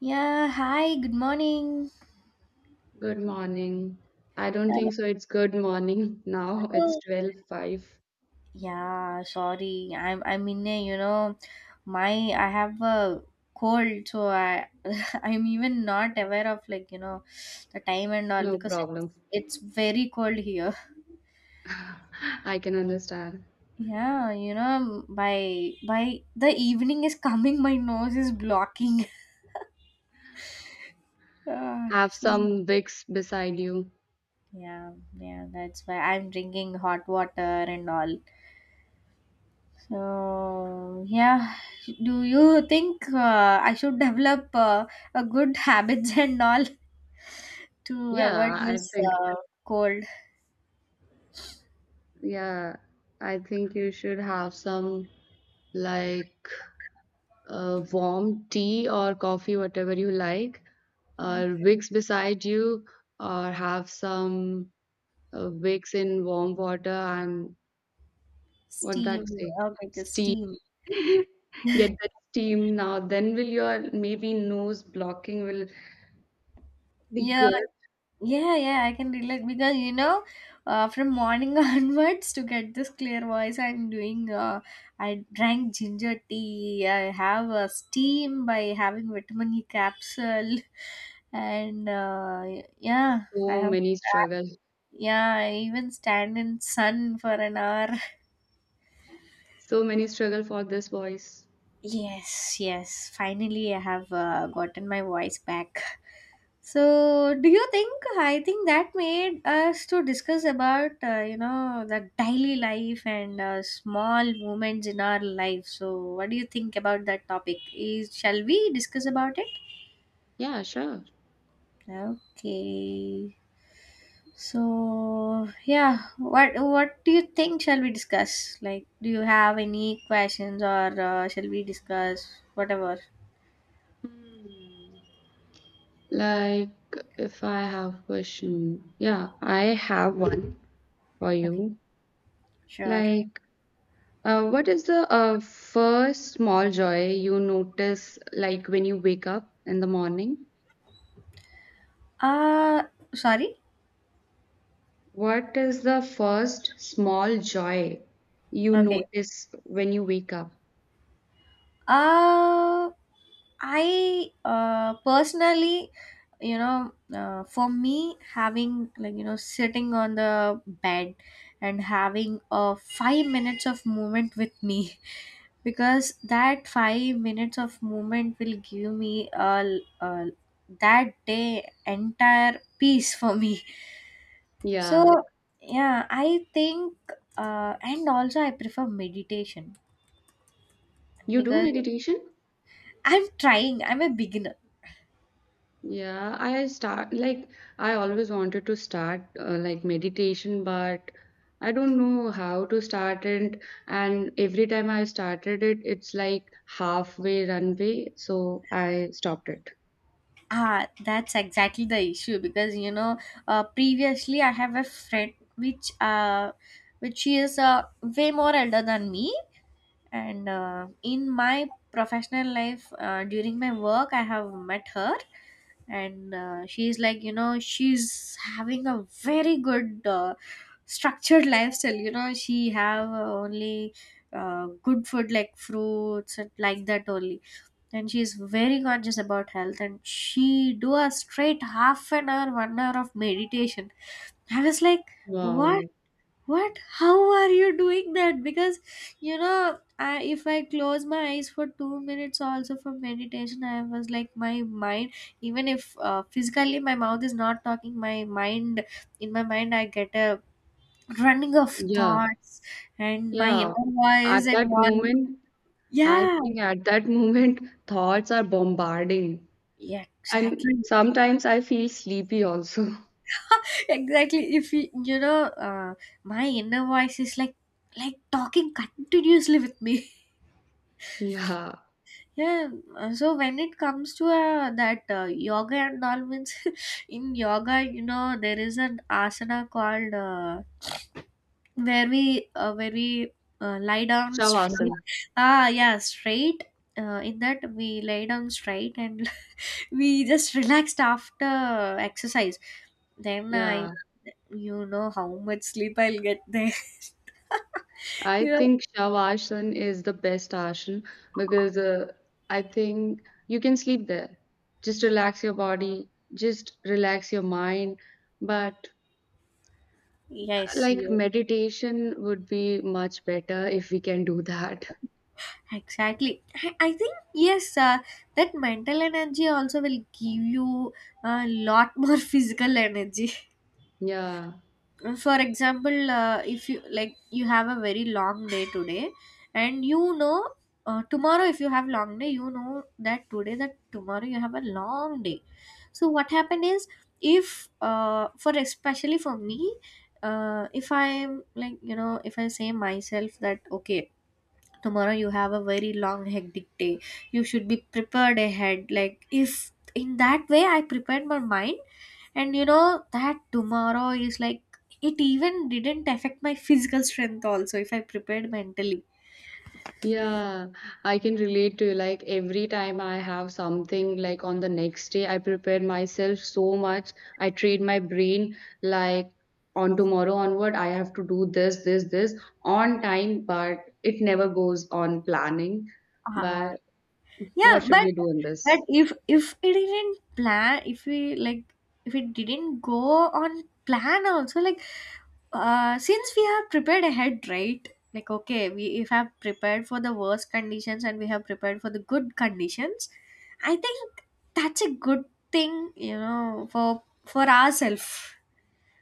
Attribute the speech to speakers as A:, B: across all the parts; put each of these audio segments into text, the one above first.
A: Yeah, hi, good morning.
B: Good morning. I don't think so. It's good morning now. It's
A: Hello.
B: twelve five.
A: Yeah, sorry. I'm in a, my I have a cold, so I I'm even not aware of the time and all
B: No
A: because it's
B: problem.
A: it's very cold here.
B: I can understand.
A: Yeah, by the evening is coming, my nose is blocking. Uh,
B: Have
A: so
B: some Vicks beside you.
A: yeah, yeah, that's why I'm drinking hot water and all. So, yeah, do you think I should develop a good habits and all to
B: Yeah,
A: avoid
B: I
A: this
B: think
A: uh, cold?
B: yeah, I think you should have some like warm tea or coffee, whatever you like, or
A: Okay.
B: Vicks beside you, or have some Vicks in warm water and what that
A: Steam.
B: say?
A: Oh my God,
B: Steam.
A: steam.
B: Get that steam now, then will your maybe nose blocking will be
A: Yeah,
B: good.
A: yeah, yeah, I can relate because from morning onwards to get this clear voice, I'm doing, I drank ginger tea, I have a steam by having vitamin E capsule, and yeah, I
B: So
A: have.
B: many struggle.
A: Yeah, I even stand in sun for an hour.
B: So many struggle for this voice.
A: Yes, yes. Finally, I have gotten my voice back. So, do you think? I think that made us to discuss about you know the daily life and small moments in our life. So, what do you think about that topic? Is shall we discuss about it?
B: Yeah, sure.
A: Okay. So yeah, what do you think shall we discuss? Like, do you have any questions or shall we discuss whatever?
B: Hmm. Like if I have question, yeah, I have one for
A: Okay,
B: you.
A: sure.
B: Like, what is the first small joy you notice like when you wake up in the morning?
A: Uh sorry.
B: What is the first small joy you
A: Okay,
B: notice when you wake up?
A: Uh, I personally, for me, having sitting on the bed and having 5 minutes of movement with me, because that 5 minutes of movement will give me a that day entire peace for me. So,
B: Yeah.
A: yeah, I think, and also I prefer meditation
B: You do
A: because
B: meditation?
A: I'm trying, I'm a beginner.
B: Yeah, I always wanted to start like meditation, but I don't know how to start it. And every time I started it, it's like halfway runway, so I stopped it.
A: Ah, that's exactly the issue because previously I have a friend which she is way more elder than me, and in my professional life during my work I have met her, and she's like you know she's having a very good structured lifestyle. You know, she have only good food like fruits and like that only, and she is very conscious about health and she do a straight half an hour 1 hour of meditation. I was like what
B: Wow.
A: how are you doing that because I, if I close my eyes for 2 minutes also for meditation I was like my mind even if physically my mouth is not talking my mind, in my mind I get a running of
B: Yeah.
A: thoughts and my
B: Yeah.
A: inner
B: At
A: voice and
B: that
A: all.
B: moment, I
A: Yeah,
B: think at that moment, thoughts are bombarding.
A: yeah,
B: And
A: exactly.
B: sometimes I feel sleepy also.
A: Exactly, if you know uh, my inner voice is like talking continuously with me.
B: Yeah.
A: Yeah, so when it comes to that yoga and all means, in yoga you know there is an asana called where we lie down straight.
B: Shavasana.
A: Ah yeah, straight, in that we lay down straight and we just relaxed after exercise, then I
B: Yeah.
A: you know how much sleep I'll get there.
B: I
A: You know,
B: think Shavasana is the best asana because I think you can sleep there. Just relax your body, just relax your mind. But
A: yes
B: like
A: yes,
B: meditation would be much better if we can do that.
A: exactly, I think yes, that mental energy also will give you a lot more physical energy.
B: Yeah.
A: For example, if you like you have a very long day today, and you know tomorrow if you have long day you know that today that tomorrow you have a long day. So what happened is, if for especially for me, if I'm like you know if I say myself that okay, tomorrow you have a very long hectic day, you should be prepared ahead like if in that way I prepared my mind, and you know that tomorrow is like it even didn't affect my physical strength also if I prepared mentally.
B: Yeah, I can relate to you. Like every time I have something like on the next day, I prepare myself so much. I train my brain like on tomorrow onward, I have to do this, this, this on time, but it never goes on planning.
A: Ah.
B: But what
A: Yeah,
B: should
A: but
B: we do in this?
A: if it didn't plan, if we like, if it didn't go on plan, also like, since we have prepared ahead, right? Like, okay, we if have prepared for the worst conditions and we have prepared for the good conditions, I think that's a good thing, you know, for ourselves.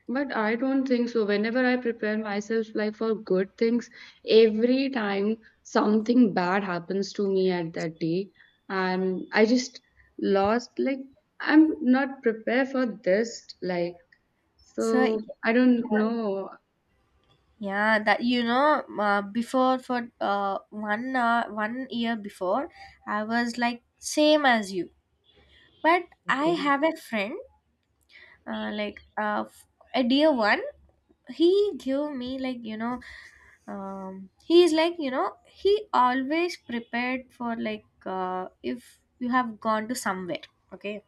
B: But I don't think so. Whenever I prepare myself like for good things, every time something bad happens to me at that day, and I just lost like I'm not prepared for this. Like
A: So
B: so, I don't know.
A: yeah, that you know, before, for 1 year before, I was like same as you. But I
B: Okay.
A: have a friend, uh, like uh, f- a dear one. He gave me like, he is like you know, he always prepared for like, if you have gone to somewhere, okay,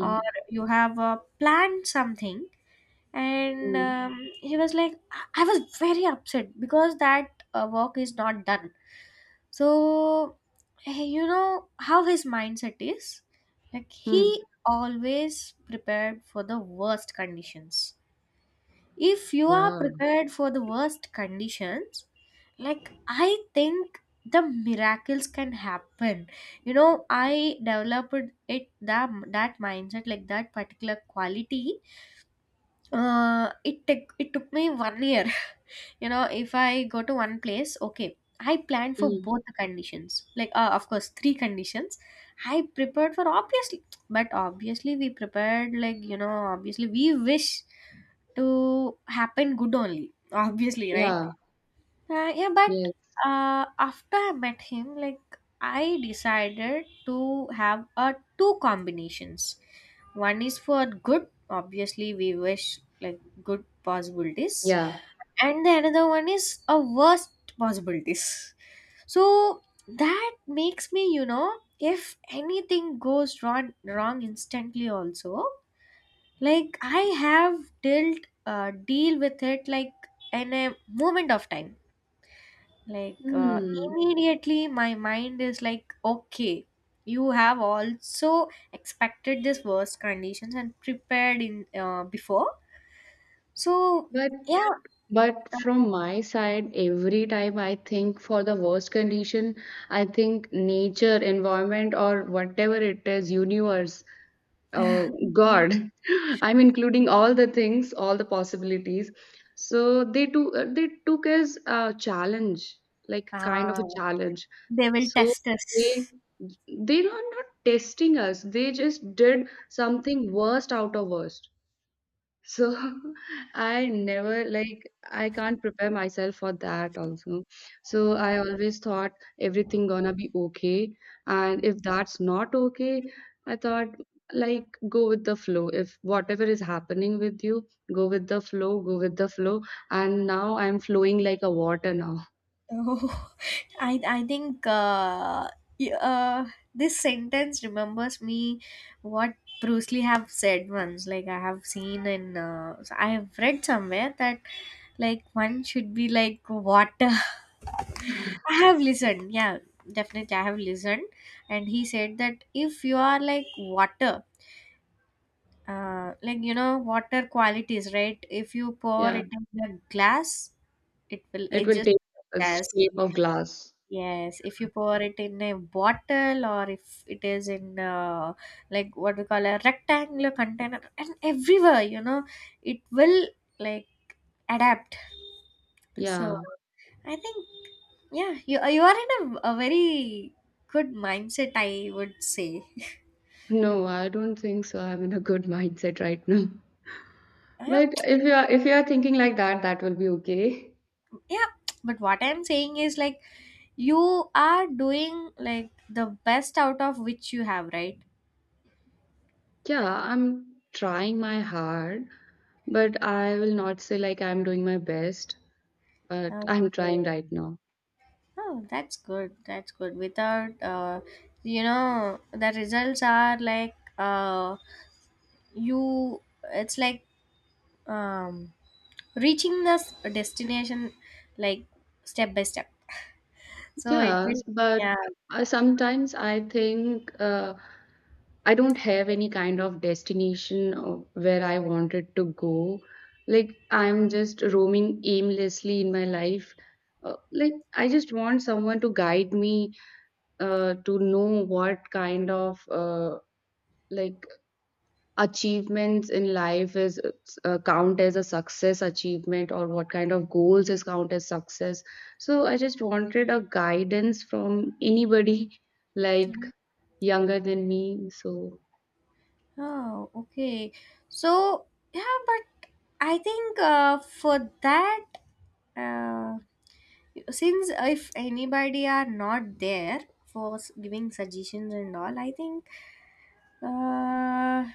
A: or you have planned something. And
B: Hmm.
A: um, he was like, I was very upset because that work is not done. So, you know how his mindset is? Like,
B: Mm,
A: he always prepared for the worst conditions. If you are
B: yeah.
A: prepared for the worst conditions, like, I think the miracles can happen. You know, I developed it that mindset, like that particular quality. It took me 1 year. You know, if I go to one place, okay, I planned for
B: Mm.
A: both the conditions. Like, of course, three conditions. I prepared for obviously, but obviously we prepared like you know, obviously we wish to happen good only. Obviously, right?
B: Yeah.
A: Yeah, but
B: Yes.
A: after I met him, like I decided to have two combinations. One is for good. Obviously, we wish like good possibilities,
B: Yeah.
A: and the another one is a worst possibilities. So that makes me you know if anything goes wrong instantly also, like I have dealt deal with it like in a moment of time, like,
B: Hmm.
A: immediately my mind is like okay, you have also expected this worst conditions and prepared in before. So
B: But But from my side, every time I think for the worst condition, I think nature, environment, or whatever it is, universe, uh,
A: yeah. Yeah.
B: God. I'm including all the things, all the possibilities. So they took as a challenge, like kind
A: Ah,
B: of a challenge.
A: they will
B: So
A: test
B: they
A: us.
B: they are not testing us. They just did something worst out of us. So I never like I can't prepare myself for that also. So I always thought everything gonna be okay. And if that's not okay, I thought like go with the flow. If whatever is happening with you, go with the flow, go with the flow. And now I'm flowing like a water now.
A: Oh, I think y- uh, this sentence remembers me what Bruce Lee have said once. Like I have seen in I have read somewhere that like one should be like water. I have listened. Yeah, definitely I have listened, and he said that if you are like water, like you know water qualities, right? If you pour
B: Yeah.
A: it in a glass, it will
B: It will
A: adjust
B: take
A: to the
B: a
A: glass.
B: shape of glass.
A: Yes, if you pour it in a bottle or if it is in like what we call a rectangular container and everywhere, you know, it will like adapt. So
B: Yeah.
A: I think yeah, you are in a very good mindset, I would say.
B: No, I don't think so. I'm in a good mindset right now.
A: Yeah,
B: But if you are thinking like that, that will be okay.
A: yeah. But what I'm saying is like you are doing like the best out of which you have, right?
B: Yeah, I'm trying my hard, but I will not say like I'm doing my best, but I'm
A: Okay.
B: trying right now.
A: Oh, that's good. That's good. Without, you know, the results are like you. It's like um, reaching the destination, like step by step. So it will,
B: Yes, but
A: yeah.
B: sometimes I think I don't have any kind of destination of where I wanted to go. Like I'm just roaming aimlessly in my life. Like I just want someone to guide me to know what kind of like achievements in life is count as a success achievement or what kind of goals is count as success, so I just wanted a guidance from anybody like younger than me. So
A: Oh, okay. So yeah, but I think for that, uh, since if anybody are not there for giving suggestions and all, I think. Uh,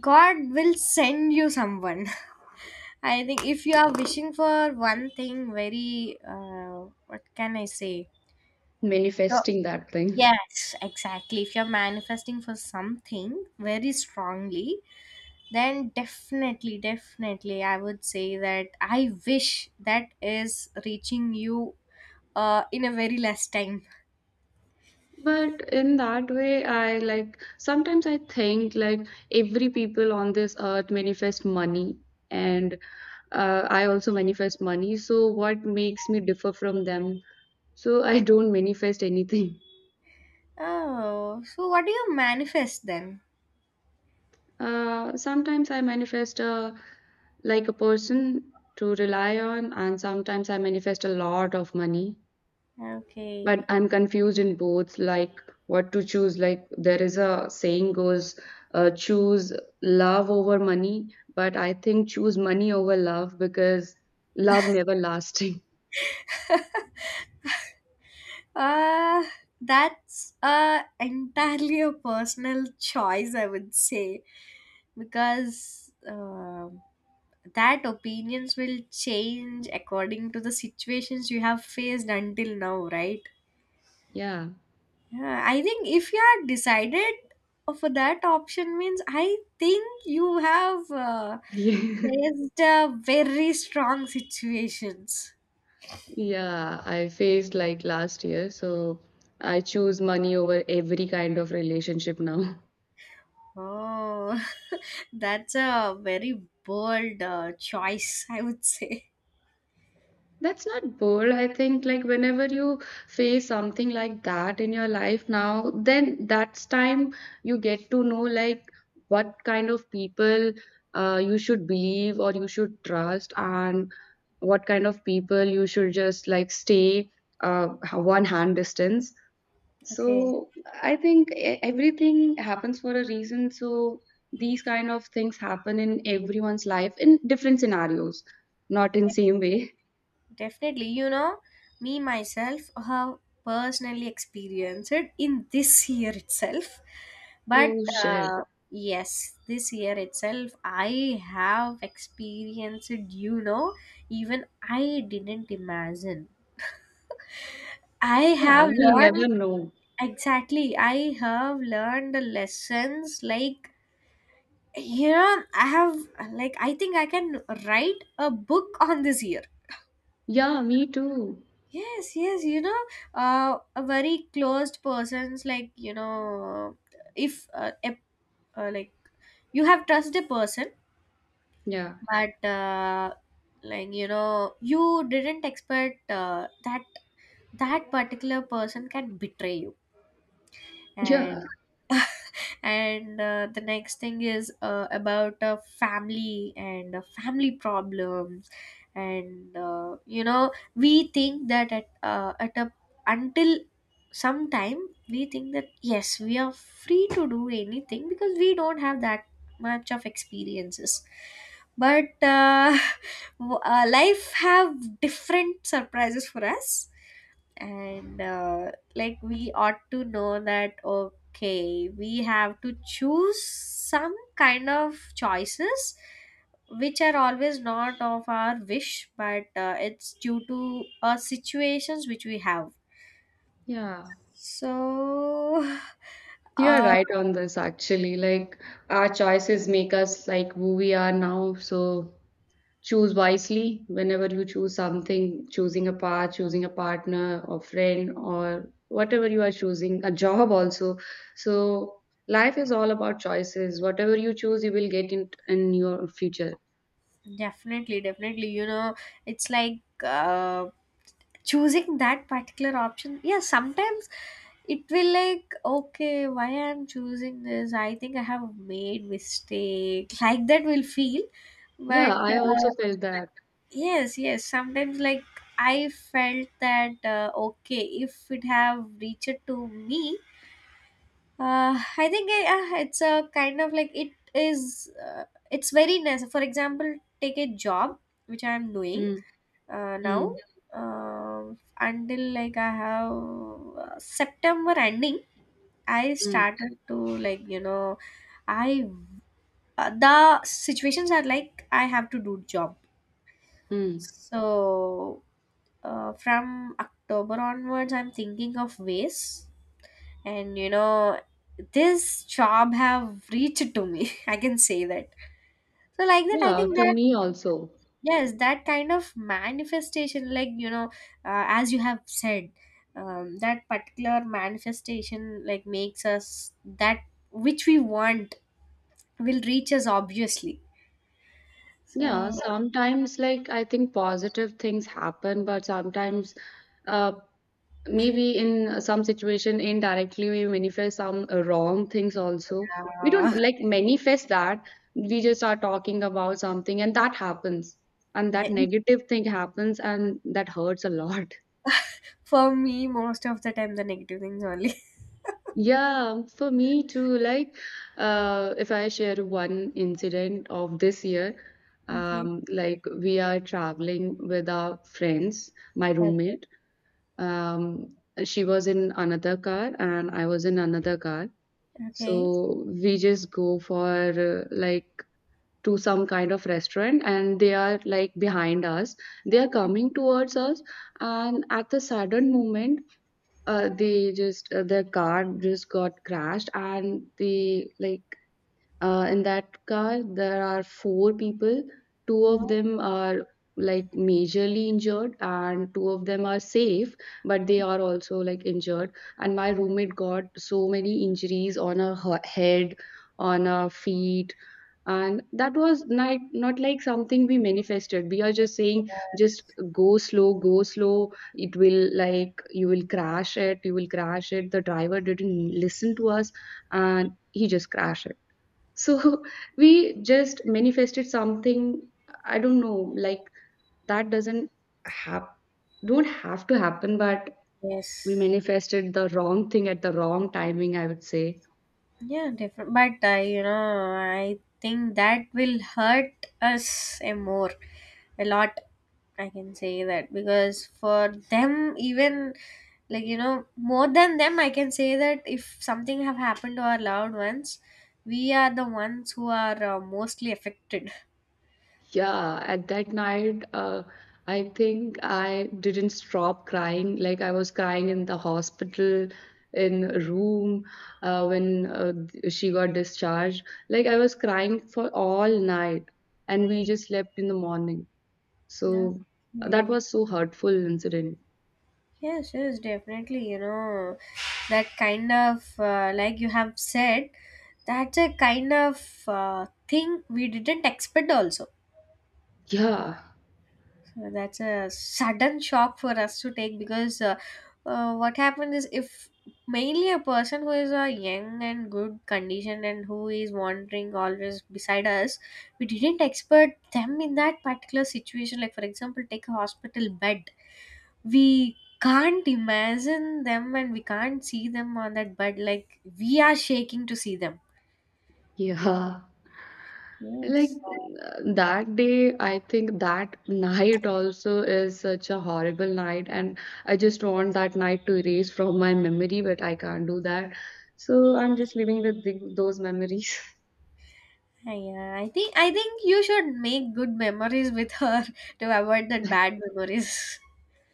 A: God will send you someone. I think if you are wishing for one thing, very what can I say? So,
B: manifesting that thing.
A: yes, exactly. If you're manifesting for something very strongly, then definitely, definitely, I would say that I wish that is reaching you in a very less time.
B: But in that way, I like sometimes I think like every people on this earth manifest money, and I also manifest money. So what makes me differ from them? So I don't manifest anything.
A: Oh, so what do you manifest then?
B: Sometimes I manifest a like a person to rely on, and sometimes I manifest a lot of money.
A: Okay.
B: But I'm confused in both, like what to choose. Like there is a saying goes, choose love over money, but I think choose money over love because love never lasting.
A: Uh, that's entirely a personal choice, I would say, because that opinions will change according to the situations you have faced until now, right?
B: Yeah.
A: Yeah, I think if you are decided for that option means I think you have
B: Yeah.
A: faced very strong situations.
B: Yeah, I faced like last year, so I choose money over every kind of relationship now.
A: Oh, that's a very bold choice, I would say.
B: That's not bold. I think, like, whenever you face something like that in your life now, then that's time you get to know, like, what kind of people you should believe or you should trust, and what kind of people you should just, like, stay uh, one hand distance.
A: Okay,
B: So, I think e- everything happens for a reason. So, these kind of things happen in everyone's life in different scenarios, not in same way.
A: definitely. You know, me myself have personally experienced it in this year itself. But
B: Oh, shit.
A: uh, yes, this year itself, I have experienced, you know, even I didn't imagine. I
B: Yeah,
A: have
B: we
A: learned
B: never know.
A: exactly. I have learned the lessons like here I have like I think I can write a book on this year.
B: Yeah, me too.
A: Yes, yes, you know, a very closed person's like you know, if like you have trusted a person,
B: Yeah,
A: but like you know, you didn't expect that particular person can betray you. And
B: yeah,
A: and The next thing is about family and family problems and you know, we think that at a until some time we think that yes, we are free to do anything because we don't have that much of experiences, but life have different surprises for us and like we ought to know that okay, we have to choose some kind of choices which are always not of our wish, but it's due to situations which we have.
B: yeah.
A: So
B: You're
A: uh,
B: right on this actually. Like, our choices make us like who we are now. So, choose wisely whenever you choose something, choosing a path, choosing a partner or friend, or whatever you are choosing, a job also. So, life is all about choices. Whatever you choose, you will get in your future.
A: definitely, definitely, you know, it's like choosing that particular option, yeah, sometimes it will, like, okay, why I'm choosing this, I think I have made mistake, like that will feel. But
B: Yeah, I also felt that.
A: yes, yes, sometimes like I felt that okay, if it have reached to me, I think it's a kind of like it is it's very necessary. For example, take a job which I am doing
B: Mm,
A: now.
B: mm,
A: Until like I have September ending, I
B: mm,
A: started to, like, you know, I the situations are like I have to do job.
B: mm.
A: So from October onwards I'm thinking of ways, and you know, this job have reached to me. I can say that. So like that I
B: Yeah,
A: think
B: to
A: that
B: me also.
A: yes, that kind of manifestation, like you know, as you have said, that particular manifestation like makes us that which we want will reach us obviously.
B: Yeah,
A: So
B: sometimes like I think positive things happen, but sometimes uh maybe in some situation indirectly we manifest some wrong things also. We don't
A: uh,
B: like manifest that. We just are talking about something and that happens. And that
A: yeah.
B: negative thing happens and that hurts a lot.
A: For me most of the time the negative things only.
B: Yeah, for me too. Like, if I share one incident of this year,
A: Okay,
B: like we are traveling with our friends, my
A: okay,
B: roommate. Um, she was in another car and I was in another car.
A: okay.
B: So we just go for like to some kind of restaurant and they are like behind us. They are coming towards us, and at the sudden moment, they just their car just got crashed and they like in that car, there are four people. Two of
A: No,
B: them are like majorly injured, and two of them are safe, but they are also like injured. And my roommate got so many injuries on her he- head, on her feet. And that was not, not like something we manifested. We are just saying,
A: uh,
B: just go slow, go slow. It will like, you will crash it, you will crash it. The driver didn't listen to us and he just crashed. So we just manifested something, I don't know, like that doesn't have don't have to happen, but we
A: yes.
B: manifested the wrong thing at the wrong timing, I would say.
A: Yeah, different, but you know, I think that will hurt us a more, a lot, I can say that, because for them even, like you know, more than them I can say that if something have happened to our loved ones, we are the ones who are mostly affected.
B: Yeah, at that night, I think I didn't stop crying. Like I was crying in the hospital, in a room, when she got discharged. Like I was crying for all night, and we just slept in the morning. So that
A: Okay.
B: was so hurtful incident.
A: Yes, yes, definitely. You know, that kind of, like you have said, that's a kind of thing we didn't expect also.
B: Yeah,
A: So that's a sudden shock for us to take, because what happened is, if mainly a person who is young and good condition and who is wandering always beside us, we didn't expect them in that particular situation. Like, for example, take a hospital bed, we can't imagine them and we can't see them on that. But like we are shaking to see them.
B: yeah. Like
A: Yes.
B: that day, I think that night also is such a horrible night, and I just want that night to erase from my memory, but I can't do that. So I'm just living with the, those memories.
A: Yeah, I think, I think you should make good memories with her to avoid that bad memories.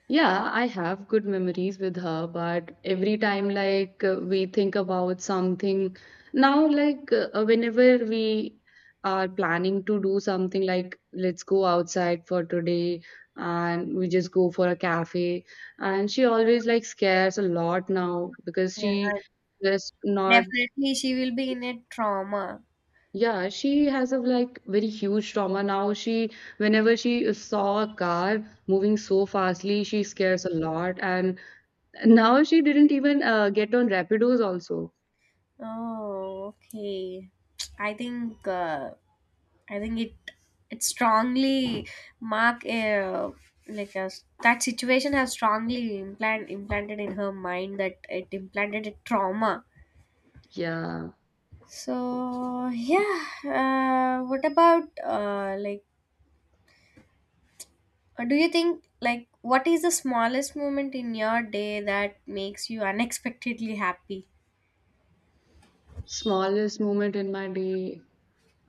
B: Yeah, I have good memories with her, but every time like we think about something now, like whenever we are planning to do something like let's go outside for today and we just go for a cafe, and she always like scares a lot now because
A: Yeah,
B: she just not.
A: definitely she will be in a trauma.
B: Yeah, she has a like very huge trauma now. She whenever she saw a car moving so fastly, she scares a lot and now she didn't even get on Rapidos also.
A: Oh, okay. I think I think it, it strongly mark a like a, that situation has strongly implanted in her mind, that it implanted a trauma.
B: Yeah.
A: So yeah, what about like do you think, like, what is the smallest moment in your day that makes you unexpectedly happy?
B: Smallest moment in my day.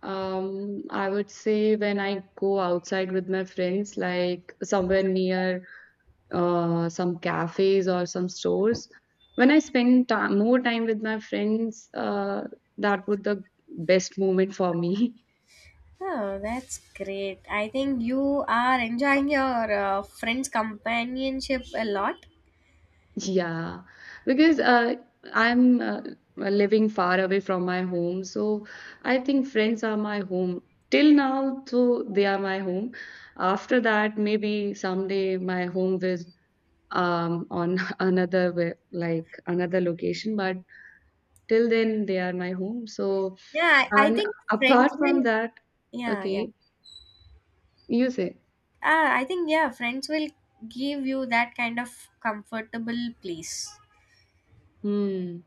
B: I would say when I go outside with my friends, like somewhere near some cafes or some stores. When I spend ti more time with my friends, that would the best moment for me.
A: Oh, that's great. I think you are enjoying your friends' companionship a lot.
B: Yeah, because I'm living far away from my home, so I think friends are my home. Till now, so they are my home. After that, maybe someday my home is on another way, like another location, but till then they are my home. So,
A: Yeah, I
B: and
A: think
B: apart
A: friends
B: from
A: will,
B: that,
A: yeah, yeah.
B: okay, you say,
A: Ah, I think yeah, friends will give you that kind of comfortable place
B: hmm,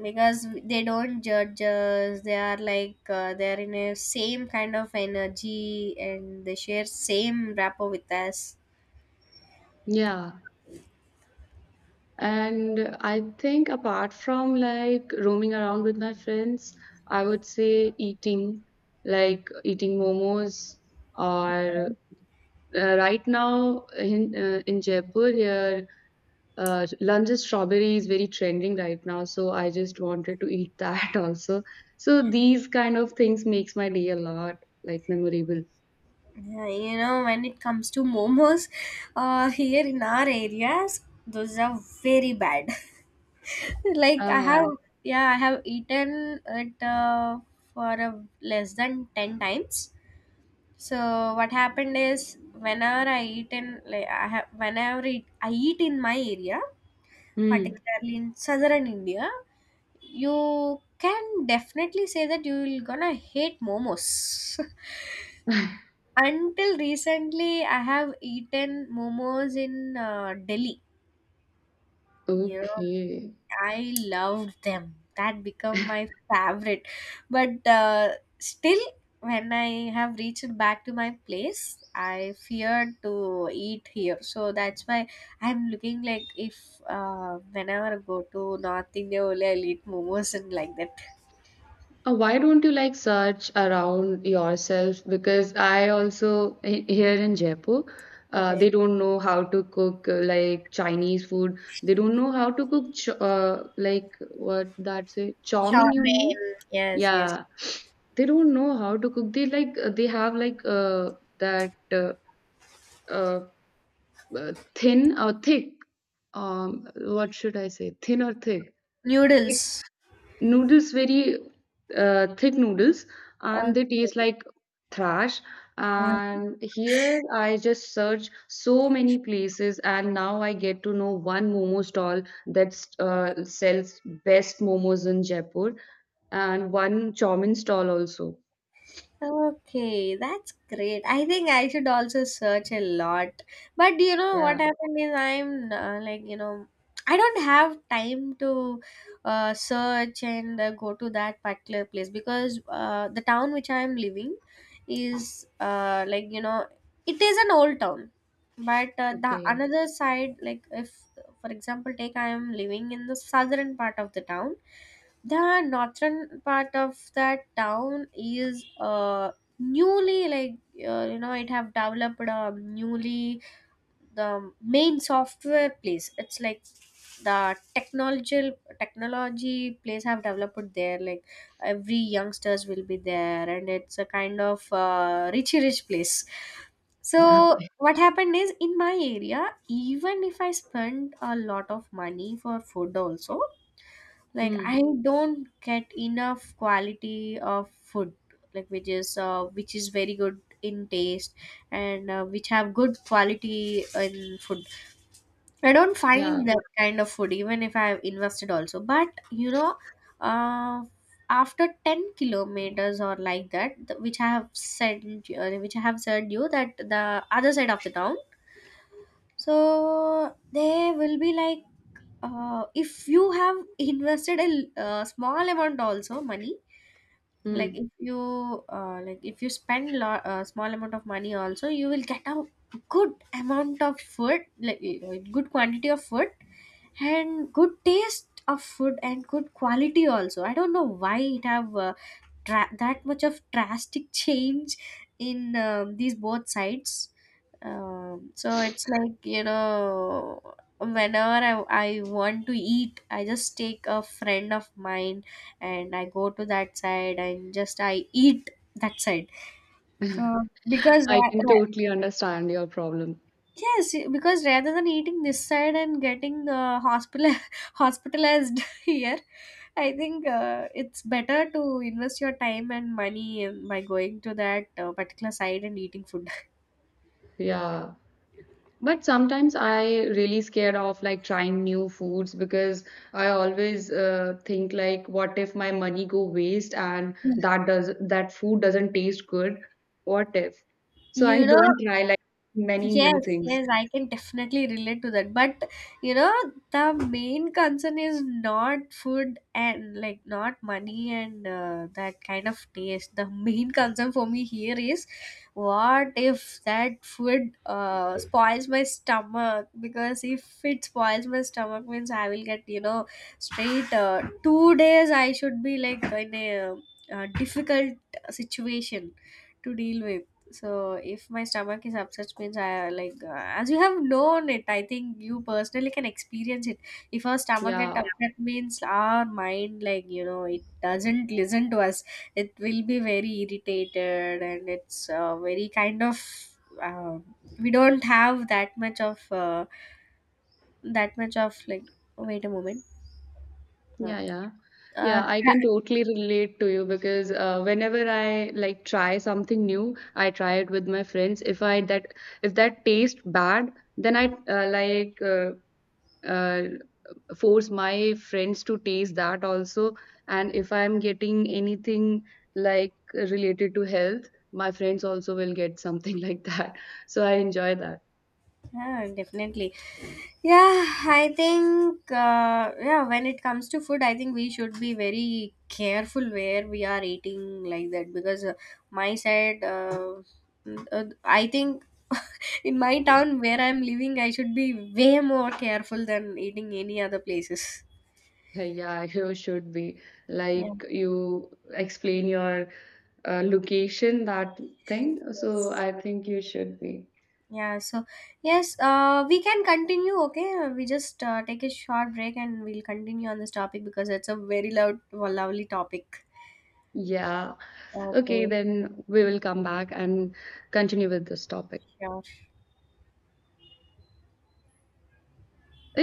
A: because they don't judge us. They are like they are in a same kind of energy and they share same rapport with us.
B: yeah. And I think apart from like roaming around with my friends, I would say eating, like eating momos or right now in in Jaipur here, London strawberry is very trending right now, so I just wanted to eat that also. So these kind of things makes my day a lot like memorable.
A: Yeah, you know, when it comes to momos, here in our areas, those are very bad. Like I
B: Ah,
A: have, yeah, I have eaten it for a less than ten times. So what happened is whenever I eat in, like I have whenever it, I eat in my area,
B: hmm.
A: particularly in southern India, you can definitely say that you will gonna hate momos. Until recently, I have eaten momos in Delhi. You know,
B: Okay.
A: I loved them. That become my favorite. But still, when I have reached back to my place, I feared to eat here. So that's why I'm looking like if whenever I go to North India, only I'll eat momos and like that.
B: Why don't you like search around yourself? Because I also he- here in Jaipur,
A: Okay.
B: they don't know how to cook like Chinese food. They don't know how to cook ch like what that's it, chow
A: Chow.
B: mein, you know?
A: Yes, yes.
B: Yeah, they don't know how to cook. They like they have like that uh, thin or thick. What should I say? Thin or thick?
A: Noodles.
B: Noodles, very thick noodles,
A: Okay.
B: and they taste like trash. And here I just search so many places, and now I get to know one momo stall that sells best momos in Jaipur, and one chow mein stall also.
A: Okay, that's great. I think I should also search a lot. But you know what
B: Yeah.
A: happened is I'm like, you know, I don't have time to search and go to that particular place, because the town which I'm living is like, you know, it is an old town. But the
B: Okay.
A: another side, like, if, for example, take I am living in the southern part of the town, the northern part of that town is newly like you know, it have developed a newly, the main software place, it's like the technological technology place have developed there, like every youngsters will be there and it's a kind of richy rich place. So what happened is, in my area, even if I spend a lot of money for food also, like
B: Mm,
A: I don't get enough quality of food, like which is very good in taste, and which have good quality in food, I don't
B: yeah.
A: find that kind of food even if I have invested also. But you know, uh, after 10 kilometers or like that, which I have said, which I have said you, that the other side of the town, so they will be like, if you have invested a small amount also money, like
B: Mm.
A: if you, like if you spend, small amount of money also, you will get a good amount of food, like good quantity of food and good taste of food and good quality also. I don't know why it have that much of drastic change in these both sides. So it's like you know, whenever I want to eat, I just take a friend of mine and I go to that side and just I eat that side, uh, because
B: I can
A: ra-
B: totally understand your problem.
A: Yes, because rather than eating this side and getting hospital hospitalized here, I think it's better to invest your time and money in- by going to that particular side and eating food.
B: Yeah. But sometimes I really scared of like trying new foods because I always think like, what if my money go waste and that does that food doesn't taste good? What if? So I
A: You know,
B: don't try like many new
A: yes,
B: things.
A: yes, I can definitely relate to that. But you know, the main concern is not food and like not money and that kind of taste. The main concern for me here is, what if that food spoils my stomach? Because if it spoils my stomach, means I will get, you know, straight two days I should be like in a difficult situation to deal with. So if my stomach is upset means, I like as you have known it, I think you personally can experience it. If our stomach get
B: Yeah,
A: upset means our mind, like you know, it doesn't listen to us. It will be very irritated and it's very kind of uh, we don't have that much of like, wait a moment. Uh,
B: yeah, yeah.
A: uh,
B: Yeah, I can totally relate to you because whenever I like try something new, I try it with my friends. If that tastes bad, then I uh, force my friends to taste that also. And if I'm getting anything like related to health, my friends also will get something like that. So I enjoy that.
A: Yeah, definitely. Yeah, I think yeah, when it comes to food, I think we should be very careful where we are eating like that, because my side, I think in my town where I'm living, I should be way more careful than eating any other places.
B: Yeah, you should be
A: Yeah.
B: like you explain your location, that thing. So
A: Yes.
B: I think you should be.
A: Yeah, so yes, we can continue, okay? We just take a short break and we'll continue on this topic because it's a very loud, lovely topic.
B: Yeah. Okay,
A: Okay.
B: then we will come back and continue with this topic.
A: Yeah.